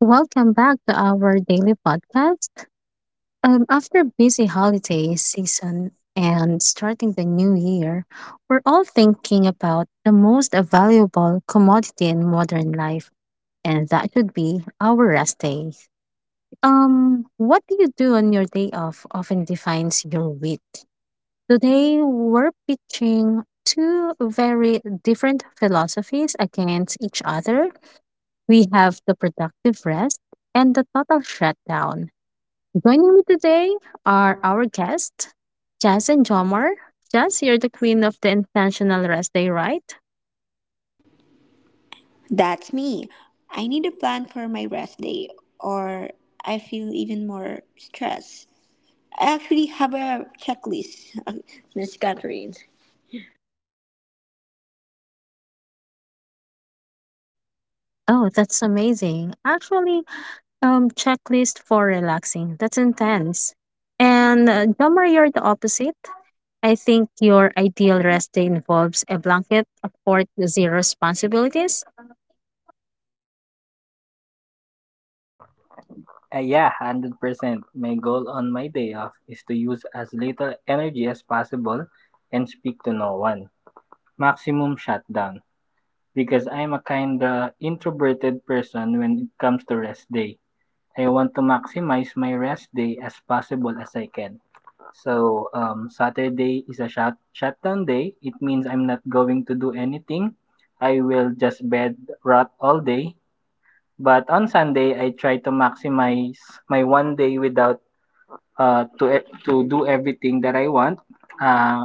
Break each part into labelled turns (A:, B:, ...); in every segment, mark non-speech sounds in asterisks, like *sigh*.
A: Welcome back to our daily podcast. After busy holiday season and starting the new year, we're all thinking about the most valuable commodity in modern life, and that should be our rest day. What do you do on your day off often defines your week. Today, we're pitching two very different philosophies against each other. We have the productive rest and the total shutdown. Joining me today are our guests, Jazz and Jomar. Jazz, you're the queen of the Intentional Rest Day, right?
B: That's me. I need a plan for my rest day, or I feel even more stress. I actually have a checklist, *laughs* Miss Catherine.
A: Oh, that's amazing. Actually, checklist for relaxing. That's intense. And Jomar, you're the opposite. I think your ideal rest day involves a blanket of 40 zero responsibilities.
C: Yeah, 100%. My goal on my day off is to use as little energy as possible and speak to no one. Maximum shutdown. Because I'm a kinda introverted person when it comes to rest day. I want to maximize my rest day as possible as I can. So, Saturday is a shutdown day. It means I'm not going to do anything. I will just bed rot all day. But on Sunday, I try to maximize my one day without to do everything that I want. Uh,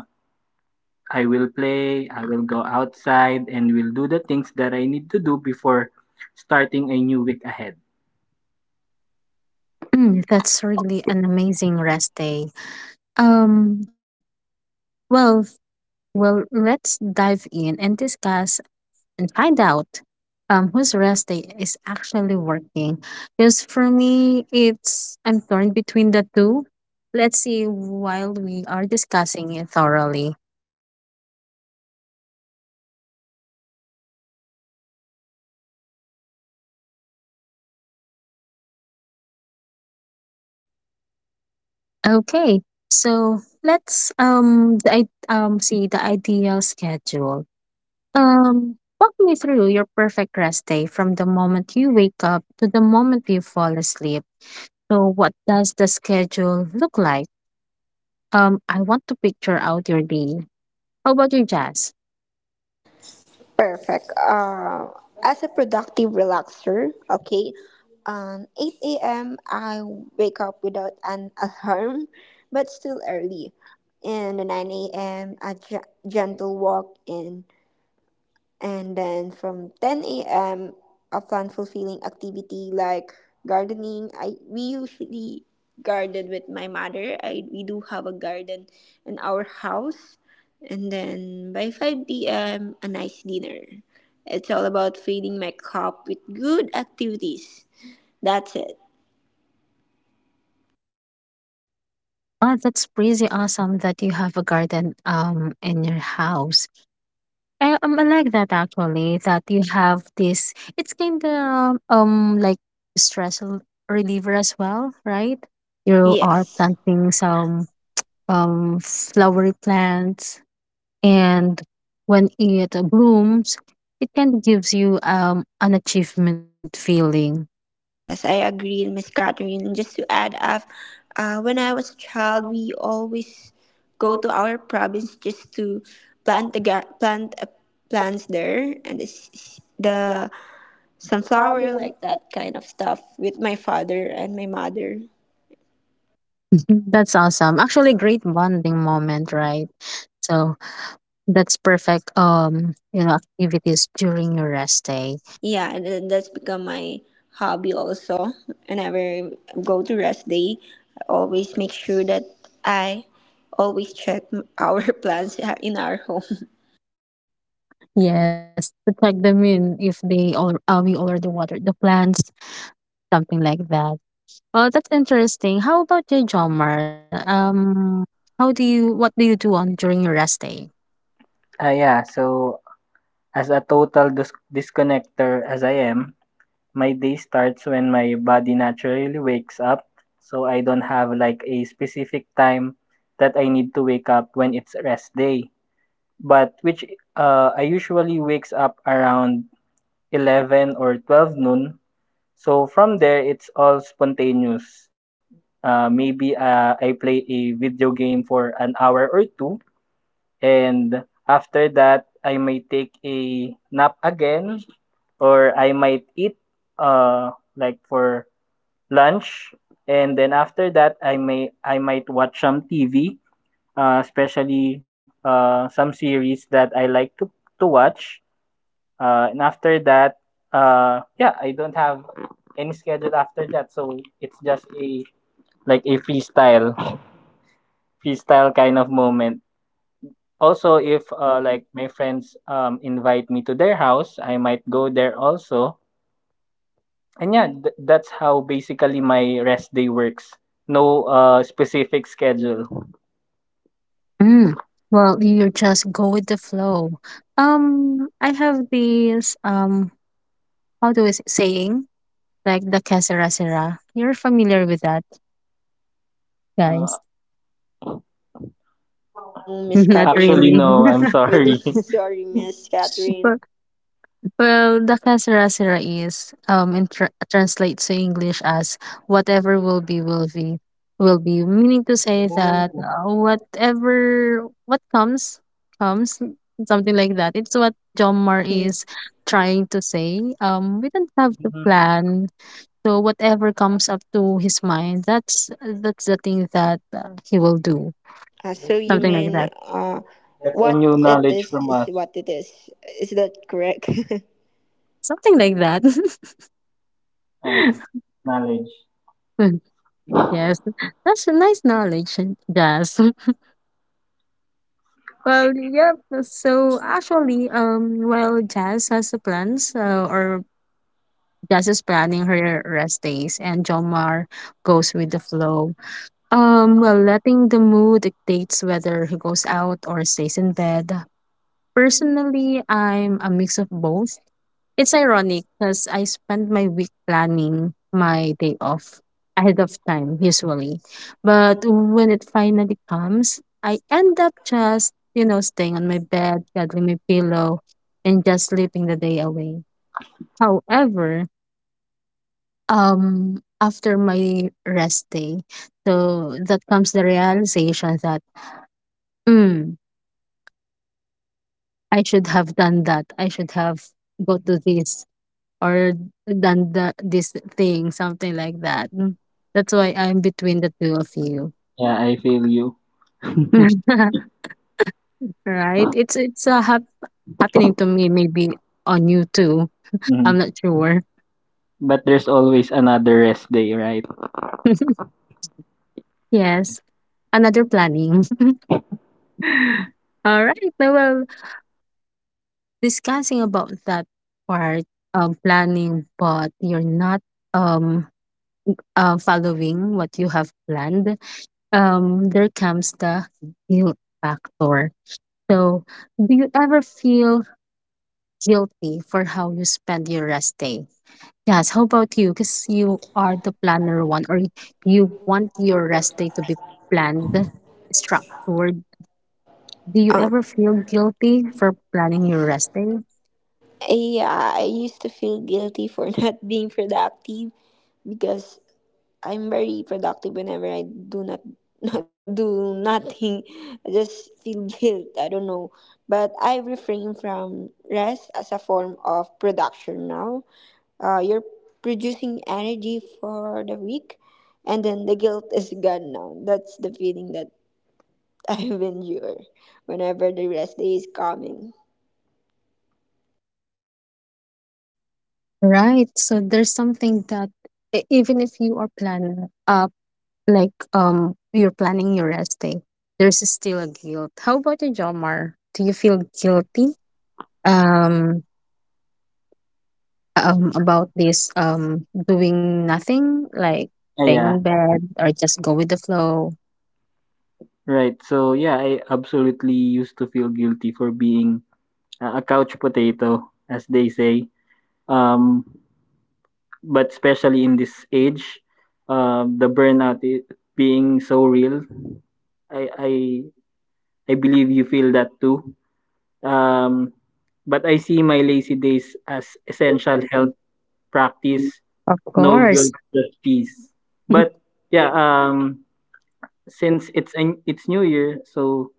C: I will play. I will go outside and will do the things that I need to do before starting a new week ahead.
A: Mm, that's really an amazing rest day. Um, well, well, let's dive in and discuss and find out whose rest day is actually working. Because for me, it's I'm torn between the two. Let's see while we are discussing it thoroughly. Okay, so let's see the ideal schedule. Walk me through your perfect rest day from the moment you wake up to the moment you fall asleep. So, what does the schedule look like? I want to picture out your day. How about your jazz?
B: Perfect. As a productive relaxer, 8 a.m. I wake up without an alarm, but still early. And the 9 a.m. Gentle walk in. And then from 10 a.m., a fun, fulfilling activity like gardening. I we usually garden with my mother. I we do have a garden in our house. And then by 5 p.m., a nice dinner. It's all about feeding my cup with good activities. That's it.
A: Oh, that's pretty awesome that you have a garden in your house. I like that actually that you have this. It's kind of like stress l- reliever as well, right? You are
B: Yes.
A: planting some flowery plants, and when it blooms, it kind of gives you an achievement feeling.
B: Yes, I agree, Miss Catherine. And just to add up, when I was a child, we always go to our province just to plant the gar- plant uh, plants there. And it's, the sunflower, like that kind of stuff, with my father and my mother.
A: *laughs* That's awesome. Actually, great bonding moment, right? So That's perfect. You know, activities during your rest day.
B: Yeah, and then that's become my hobby also. Whenever I go to rest day, I always make sure that I always check our *laughs* plants in our home.
A: Yes, to check them in if they all you already watered the plants, something like that. Oh, that's interesting. How about you, Jomar? How do you what do you do on during your rest day?
C: Yeah. So as a total disconnector as I am, my day starts when my body naturally wakes up. So I don't have like a specific time that I need to wake up when it's rest day. But which I usually wakes up around 11 or 12 noon. So from there, it's all spontaneous. Maybe I play a video game for an hour or two, and after that, I might take a nap again, or I might eat like for lunch, and then after that, I might watch some TV, especially some series that I like to watch. And after that, yeah, I don't have any schedule after that. So it's just a like a freestyle kind of moment. Also, if like my friends invite me to their house, I might go there also. And yeah, that's how basically my rest day works. No specific schedule.
A: Mm. Well, you just go with the flow. I have this how do we saying like the casera sera." You're familiar with that,
C: Uh,
A: guys?
B: Oh,
A: *laughs*
B: Miss
A: Not
B: Catherine.
C: Actually
B: *laughs*
A: really.
C: no, I'm
B: We do. *laughs*
C: sorry. *laughs*
B: Sorry, Miss Catherine.
A: *laughs* Well, the Sera Sera is um, translates to English as whatever will be will be meaning to say that
C: Oh,
A: whatever what comes comes something like that. It's what John Mar
B: Mm.
A: is trying to say. Um, we don't have to
C: mhm.
A: plan. So whatever comes up to his mind, that's the thing that he will do.
B: Uh,
C: I
B: so you
C: see.
A: Something like
B: mean
A: that.
B: uh,
C: That's a
B: what
C: new
B: it
C: knowledge from
B: is
C: us.
B: what it is. Is that correct?
A: Something like that.
C: Uh,
A: *laughs*
C: Knowledge.
A: Yes. That's a nice knowledge, Jazz. *laughs* Well, yeah. So actually, well, Jazz has the plans, or Jazz is planning her rest days, and Jomar goes with the flow. Well, letting the mood dictates whether he goes out or stays in bed. Personally, I'm a mix of both. It's ironic because I spend my week planning my day off ahead of time usually. But when it finally comes, I end up just, you know, staying on my bed, cuddling my pillow, and just sleeping the day away. However, after my rest day, so that comes the realization that mm, I should have done that. I should have go to this or done the this thing, something like that. Mm. That's why I'm between the two of you.
C: Yeah, I feel you. *laughs*
A: *laughs* Right? It's happening to me maybe on you too. I'm
C: Mhm.
A: not sure.
C: But there's always another rest day, right?
A: *laughs* Yes, another planning. *laughs* All right. Now, well, discussing about that part of planning, but you're not um following what you have planned. There comes the guilt factor. So, do you ever feel guilty for how you spend your rest day? Yes, how about you? Because you are the planner one, or you want your rest day to be planned, structured. Do you
B: *laughs* uh,
A: ever feel guilty for planning your rest day?
B: yeah, I used to feel guilty for *laughs* not being productive because I'm very productive whenever I do not *laughs* not do nothing. I just feel guilt. I don't know. But I refrain from rest as a form of production now. You're producing energy for the week, and then the guilt is gone. Now that's the feeling that *laughs* I endure whenever the rest day is coming.
A: Right. So there's something that even if you are planning up, like you're planning your rest day, there's still a guilt. How about you, Jomar? Do you feel guilty? Um, um, about this doing nothing like
C: Ah,
A: staying on
C: yeah,
A: bed or just go with the flow
C: right. So yeah, I absolutely used to feel guilty for being a couch potato, as they say. Um, but especially in this age, the burnout being so real, I I I believe you feel that too. Um, but I see my lazy days as essential health practice,
A: of
C: no
A: course
C: guilt, just peace. But
A: *laughs*
C: yeah, since it's New Year, so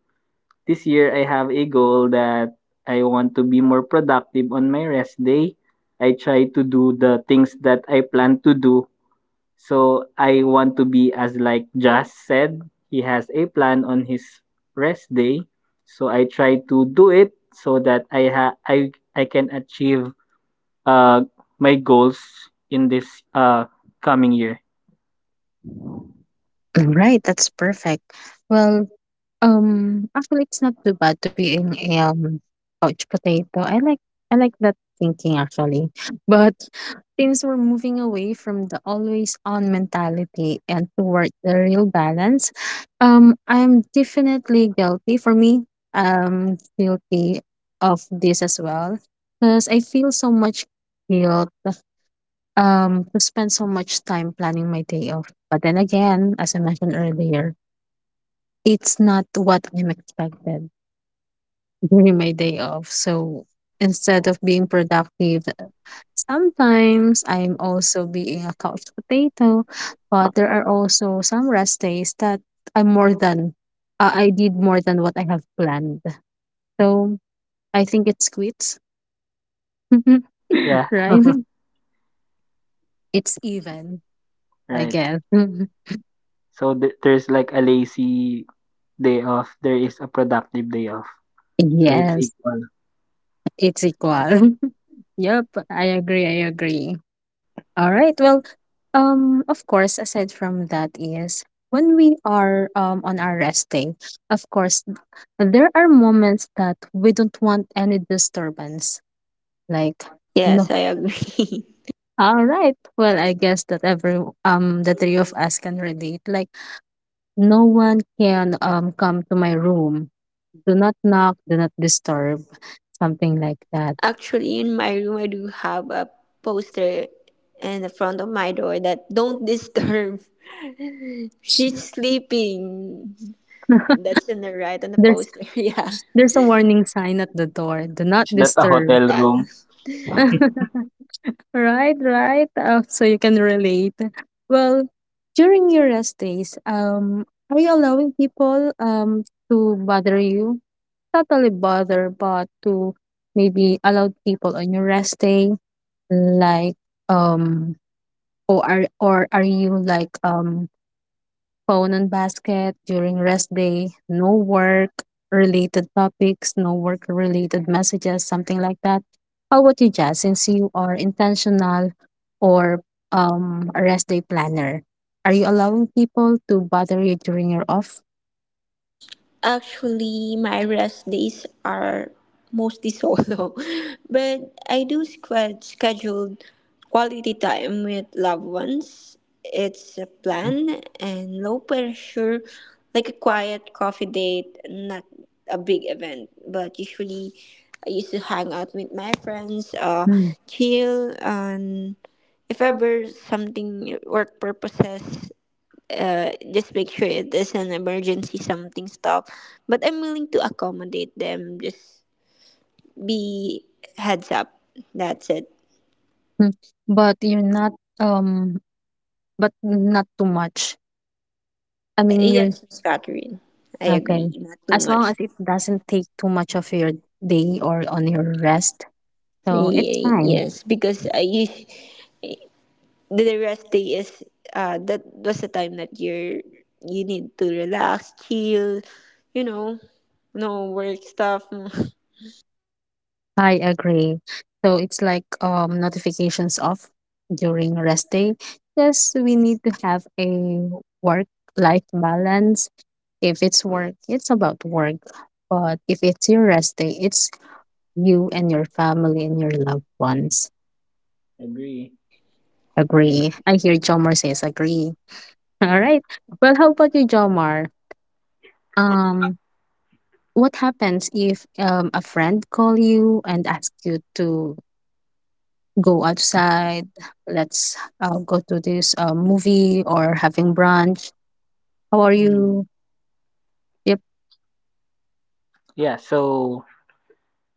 C: this year I have a goal that I want to be more productive on my rest day. I try to do the things that I plan to do. So I want to be as like Jas said, he has a plan on his rest day. So I try to do it so that I ha- I can achieve uh my goals in this uh coming year.
A: right that's perfect well actually it's not too bad to be in a couch potato, I like that thinking actually. *laughs* But teams were moving away from the always on mentality and toward the real balance. I'm definitely guilty for me. I'm guilty of this as well because I feel so much guilt to spend so much time planning my day off. But then again, as I mentioned earlier, it's not what I'm expected during my day off. So instead of being productive sometimes I'm also being a couch potato, but there are also some rest days that I'm more than I did more than what I have planned. So I think it's quits,
C: Yeah,
A: *laughs* right? It's even, I
C: right.
A: guess. *laughs*
C: So there's like a lazy day off. There is a productive day off. So it's
A: Yes,
C: equal.
A: it's equal. *laughs* Yep, I agree. I agree. All right. Well, of course, aside from that is when we are on our rest day, of course, there are moments that we don't want any disturbance. Like,
B: Yes,
A: no.
B: I agree.
A: All right. Well, I guess that every the three of us can relate. Like, no one can come to my room. Do not knock, do not disturb, something like that.
B: *laughs* Actually, in my room I do have a poster in the front of my door that don't *laughs* disturb, she's sleeping.
A: *laughs*
B: That's in the right on the
A: There's
B: poster. *laughs* Yeah.
A: there's a warning sign at the door. Do not
C: Is that a
A: disturb.
C: hotel
B: Yeah.
C: room?
A: *laughs* Right, right. So you can relate. Well, during your rest days, are you allowing people to bother you? Totally bother, but to maybe allow people on your rest day, like um, or are you like phone on basket during rest day, no work related topics, no work related messages, something like that. How about you, Jazz? Since you are intentional or a rest day planner, are you allowing people to bother you during your off?
B: Actually, my rest days are mostly *laughs* solo, but I do squad schedule quality time with loved ones. It's a
A: Mm.
B: plan and low pressure, like a quiet coffee date, not a big event, but usually I used to hang out with my friends,
A: Mm.
B: chill, and if ever something work purposes, just make sure it is an emergency, something stop, but I'm willing to accommodate them, just be heads up. That's it.
A: Mm, but you're not but not too much. I
B: Yeah,
A: mean you're
B: yes, Miss Catherine. I
A: okay.
B: agree, not too
A: As
B: much.
A: long as it doesn't take too much of your day or on your rest. So it's
B: Ye-
A: fine.
B: yes because the rest day is, that was the time that you're, you need to relax, chill, you know, no work stuff. *laughs*
A: I agree. So it's like notifications off during rest day. Yes, we need to have a work life balance. If it's work, it's about work. But if it's your rest day, it's you and your family and your loved ones.
C: Agree.
A: Agree. I hear Jomar says agree. *laughs* All right. Well, how about you, Jomar? Um, what happens if a friend call you and ask you to go outside. Let's go to this movie or having brunch. How are
C: Mm,
A: you? Yep,
C: yeah. So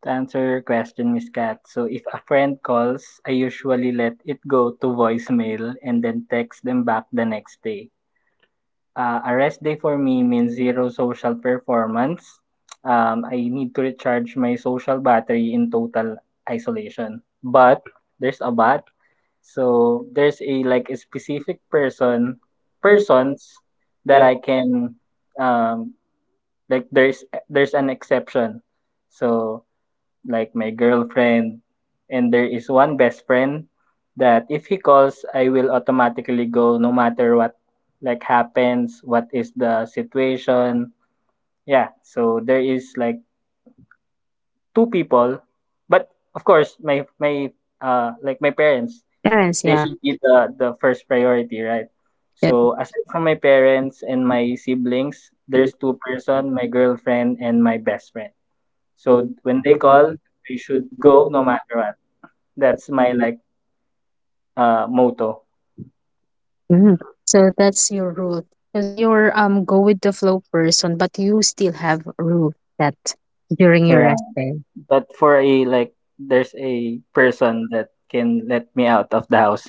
C: to answer your question, Miss Kat, so if a friend calls, I usually let it go to voicemail and then text them back the next day. A rest day for me means zero social performance. I need to recharge my social battery in total isolation. But there's a but. So there's a like a specific persons that I can um like there's an exception. So like my girlfriend, and there is one best friend that if he calls, I will automatically go no matter what like happens, what is the situation. Yeah, so there is like two people, but of course my like my parents,
A: parents.
C: they
A: Yeah,
C: should be the first priority, right?
A: yep.
C: So aside from my parents and my siblings, there's two-person, my girlfriend and my best friend. So when they call, I should go no matter what. That's my like motto
A: Hmm. So that's your rule because you're go with the flow person, but you still have a rule that during your rest
C: around.
A: day.
C: But for a like there's a person that can let me out of the house.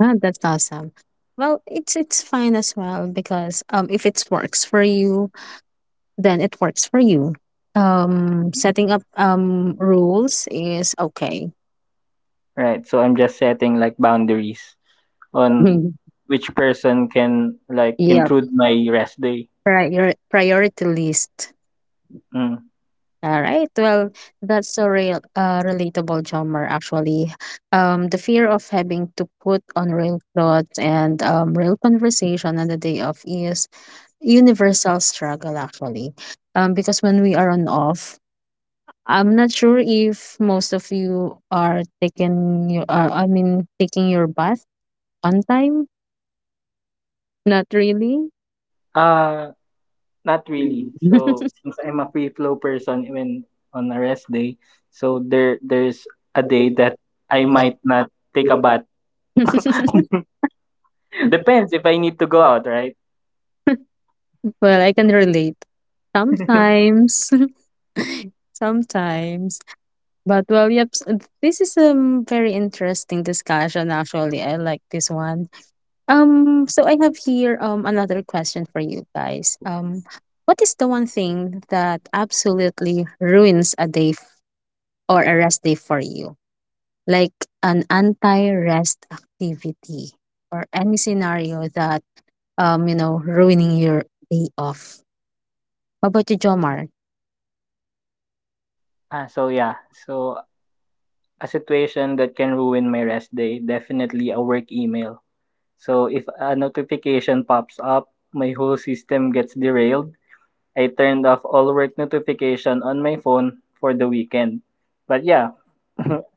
A: Huh, that's awesome. Well, it's fine as well because if it works for you, then it works for you. Setting up rules is okay.
C: Right. So I'm just setting like boundaries on
A: *laughs*
C: which person can like
A: Yeah.
C: intrude my rest day.
A: Prior priority list.
C: Mm.
A: All right. Well, that's a real relatable drummer actually. The fear of having to put on real clothes and real conversation on the day of is universal struggle actually. Because when we are on off, I'm not sure if most of you are taking your taking your bath on time. Not really.
C: Uh Not really. So since I'm a free flow person even on a rest day, so there's a day that I might not take a bath. *laughs*
A: *laughs*
C: Depends if I need to go out, right?
A: Well, I can relate sometimes. *laughs* *laughs* Sometimes. But well, yep, this is a mm, very interesting discussion actually. I like this one. Um, so I have here another question for you guys. Um, what is the one thing that absolutely ruins a day f- or a rest day for you? Like an anti-rest activity or any scenario that you know ruining your day off. How about you, Jomar?
C: Ah, so yeah. So A situation that can ruin my rest day, definitely a work email. So if a notification pops up, my whole system gets derailed. I turned off all work notification on my phone for the weekend. But yeah,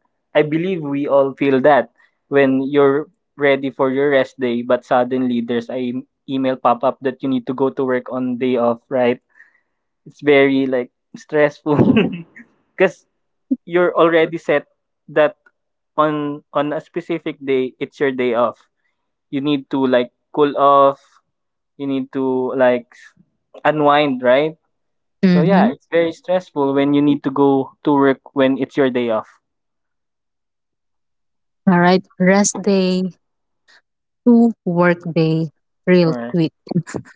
C: *laughs* I believe we all feel that when you're ready for your rest day, but suddenly there's a email pop up that you need to go to work on day off, right? It's very like stressful *laughs* because you're already set that on a specific day it's your day off, you need to like cool off, you need to like unwind, right? So yeah.
A: Mhm.
C: Yes, it's very yes, stressful when you need to go to work when it's your day off.
A: All right, rest day two workday real
C: Or
A: tweet. *laughs*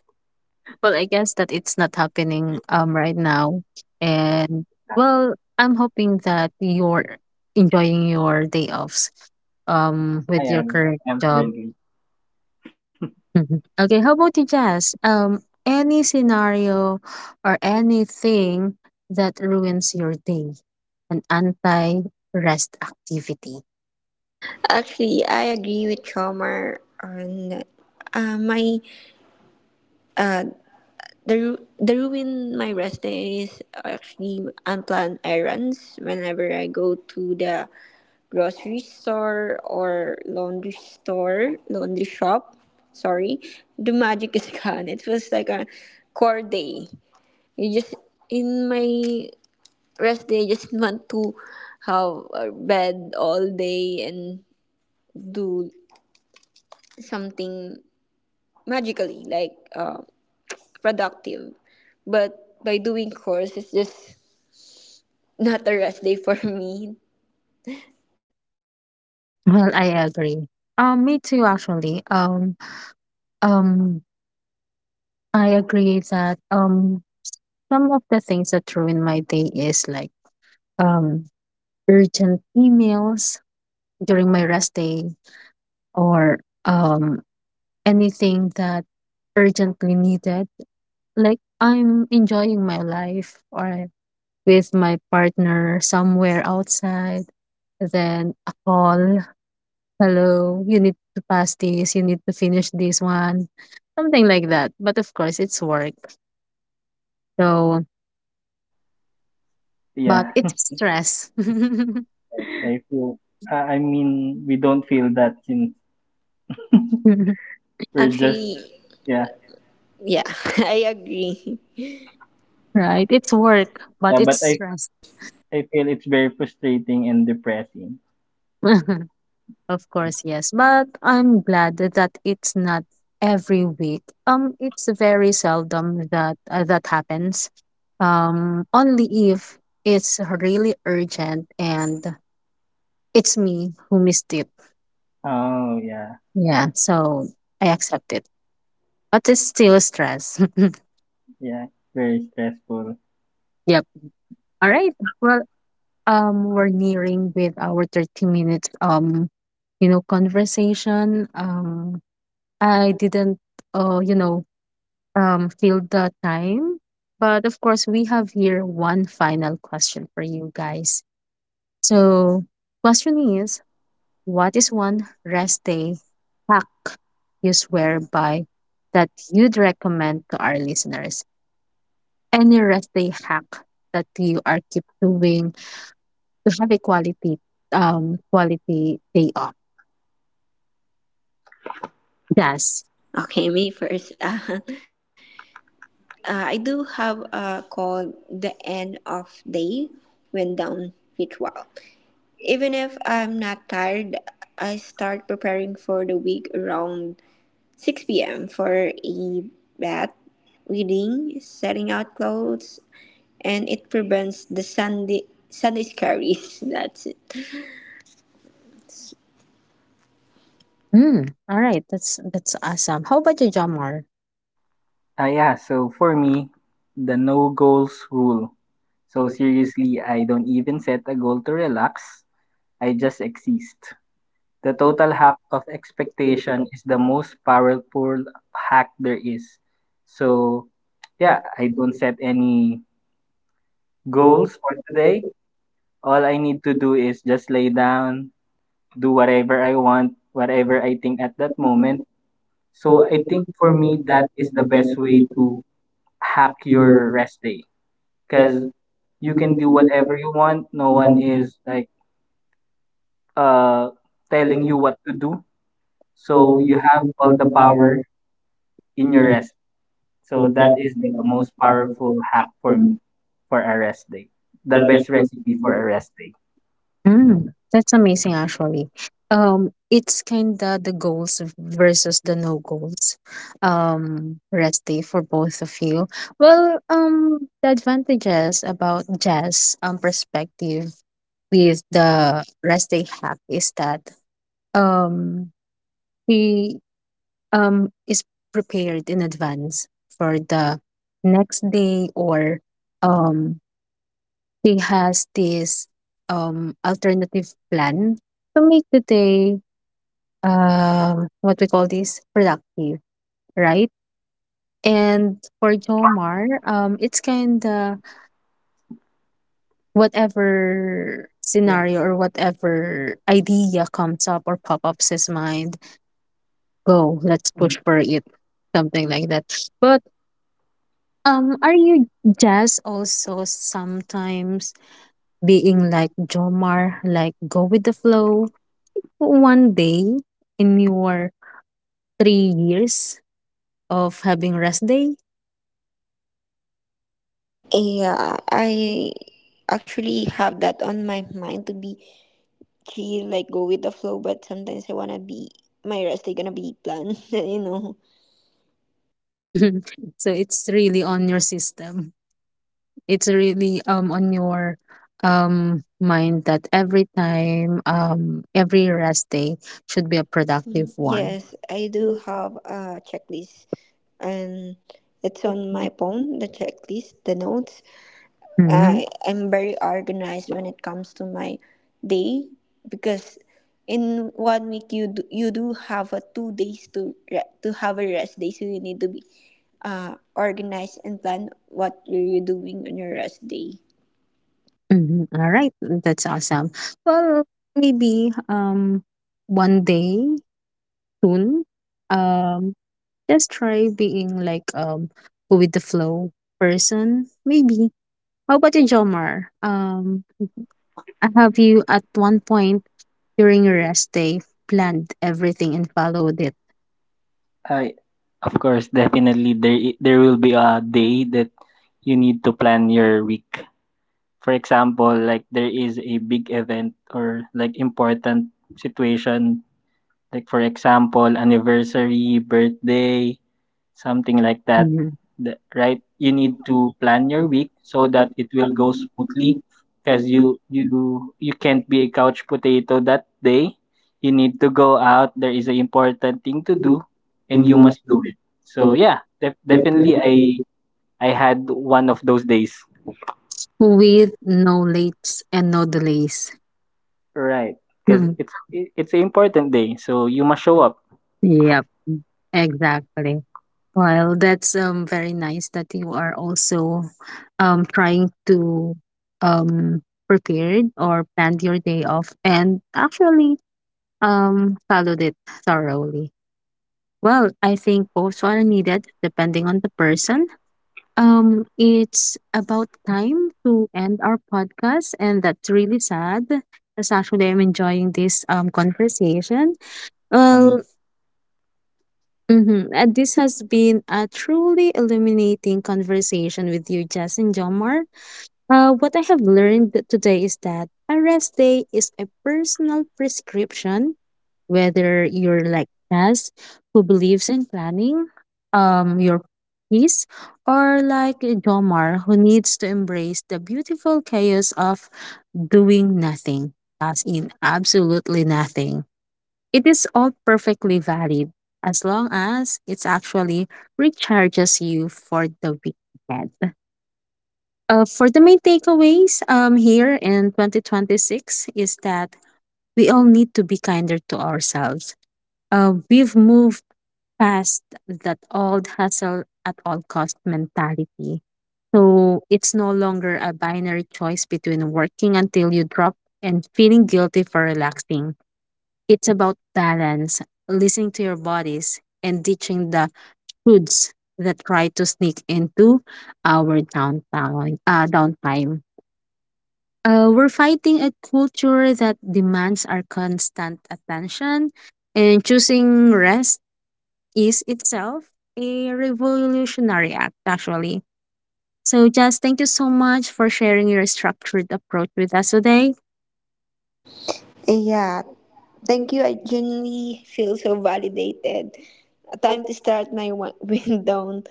A: Well, I guess that it's not happening right now. And well, I'm hoping that you're enjoying your day offs
C: I
A: with your
C: am
A: current
C: I'm
A: job.
C: currently
A: *laughs* Mhm. Okay, how about you, Jazz? Any scenario or anything that ruins your day, an anti-rest activity.
B: Actually, I agree with Chomar on, uh, my uh, the ruin my rest day is actually unplanned errands whenever I go to the grocery store or laundry store, laundry shop. Sorry, the magic is *laughs* gone. It was like a core day. You just, in my rest day, just want to have a bed all day and do something magically like productive. But by doing chores, it's just not a rest day for me.
A: Well, I agree. Me too, actually. Um, I agree that some of the things that ruin my day is like um urgent emails during my rest day or anything that urgently needed. Like I'm enjoying my life or with my partner somewhere outside, then a call, hello, you need to pass this, you need to finish this one, something like that. But of course it's work. So but
C: yeah.
A: it's stress. *laughs*
C: *laughs* i feel I mean we don't feel that since *laughs* we're just
B: Actually,
C: yeah.
B: yeah, *laughs* I agree.
A: Right? It's work,
C: yeah
A: but
C: but
A: it's stress.
C: I feel it's very frustrating and depressing.
A: *laughs* Of course, yes. But I'm glad that it's not every week. It's very seldom that that happens. Only if it's really urgent and it's me who missed it.
C: Oh yeah.
A: Yeah, so I accept it. But it's still stress. *laughs*
C: Yeah, very stressful.
A: Yep. All right. Well, we're nearing with our 30 minutes you know, conversation. I didn't you know, feel the time. But of course we have here one final question for you guys. So question is, what is one rest day hack you swear by that you'd recommend to our listeners? Any rest day hack that you are keep doing to have a quality quality day off? Yes.
B: Okay, me first. *laughs* I do have a called the end of day when down ritual. Even if I'm not tired, I start preparing for the week around 6 p.m. for a bath, reading, setting out clothes, and it prevents the Sunday scaries. *laughs* That's it.
A: Mm, all right, that's awesome. How about you, Jamar?
C: Yeah. So for me, the no goals rule. So seriously, I don't even set a goal to relax. I just exist. The total hack of expectation is the most powerful hack there is. So, yeah, I don't set any goals for today. All I need to do is just lay down, do whatever I want, whatever I think at that moment. So I think for me that is the best way to hack your rest day because you can do whatever you want. No one is like uh telling you what to do. So you have all the power in your rest. So that is the most powerful hack for me for a rest day. The best recipe for a rest day.
A: Mm, that's amazing actually. It's kinda the goals versus the no goals. Rest day for both of you. Well, the advantages about Jazz perspective with the rest day hack is that um she is prepared in advance for the next day, or um they has this alternative plan to make the day what we call this productive, right? And for Jomar, it's kind of whatever
C: Yeah.
A: scenario or whatever idea comes up or pop-ups his mind, go, let's push for it, something like that. But are you just also sometimes being like Jomar, like go with the flow? One day in your 3 years of having rest day,
B: Yeah, I actually have that on my mind to be chill, like go with the flow, but sometimes I wanna be, my rest is gonna be planned, *laughs* you know.
A: *laughs* so it's really on your system. It's really on your mind that every time every rest day should be a productive one.
B: Yes, I do have a checklist, and it's on my phone, the checklist, the notes.
A: Mm-hmm.
B: I am very organized when it comes to my day, because in one week you do have a two days to to have a rest day, so you need to be organized and plan what are you doing on your rest day.
A: Mhm. All right, that's awesome. Well, maybe one day soon, um just try being like go with the flow person. Maybe. How about you, Jomar? Have you at one point during your rest day planned everything and followed it?
C: I of course, definitely there will be a day that you need to plan your week. For example, like there is a big event or like important situation, like for example, anniversary, birthday, something like that.
A: Mm-hmm.
C: Right, you need to plan your week so that it will go smoothly because you can't be a couch potato that day, you need to go out, there is an important thing to do and you must do it. So yeah, definitely I had one of those days.
A: With no lates and no delays.
C: Right, because
A: *laughs*
C: it's an important day so you must show up.
A: Yep, exactly. Well, that's very nice that you are also trying to prepared or planned your day off and actually followed it thoroughly. Well, I think both are needed depending on the person. It's about time to end our podcast, and that's really sad. Because actually, I'm enjoying this conversation.
C: I mean.
A: Well, mm-hmm, and this has been a truly illuminating conversation with you, Jess and Jomar. What I have learned today is that a rest day is a personal prescription, whether you're like Naz, who believes in planning your peace, or like Jomar, who needs to embrace the beautiful chaos of doing nothing, as in absolutely nothing. It is all perfectly valid as long as it's actually recharges you for the week ahead. For the main takeaways here in 2026, is that we all need to be kinder to ourselves. We've moved past that old hustle at all cost mentality. So it's no longer a binary choice between working until you drop and feeling guilty for relaxing. It's about balance, listening to your bodies, and ditching the foods that try to sneak into our downtown downtime. We're fighting a culture that demands our constant attention, and choosing rest is itself a revolutionary act, actually. So, just thank you so much for sharing your structured approach with us today.
B: Yeah, thank you. I genuinely feel so validated. Time to start my *laughs* wind down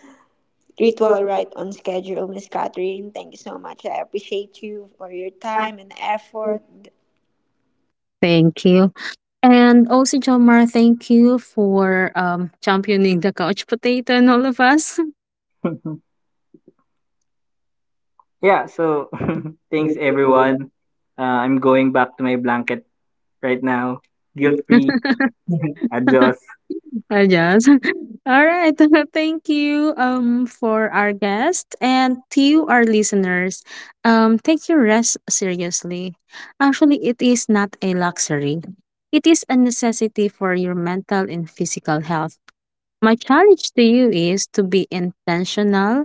B: ritual right on schedule, Miss Catherine. Thank you so much. I appreciate you for your time and effort.
A: Thank you. And also, Jomar, thank you for championing the couch potato and all of us.
C: *laughs* Yeah, so *laughs* thanks everyone. I'm going back to my blanket right now. Guilt free.
A: *laughs*
C: *laughs* Adios.
A: Yes. *laughs* All right. *laughs* Thank you for our guest and to you, our listeners. Take your rest seriously. Actually, it is not a luxury. It is a necessity for your mental and physical health. My challenge to you is to be intentional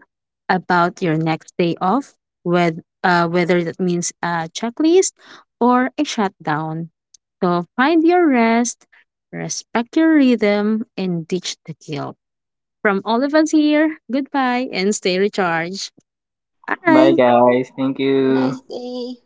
A: about your next day off, with whether that means a checklist or a shutdown. So find your rest, respect your rhythm, and ditch the guilt. From all of us here, goodbye and stay recharged.
C: Bye,
A: Bye.
C: guys. Thank
B: Bye. Have a
C: you.
B: nice day.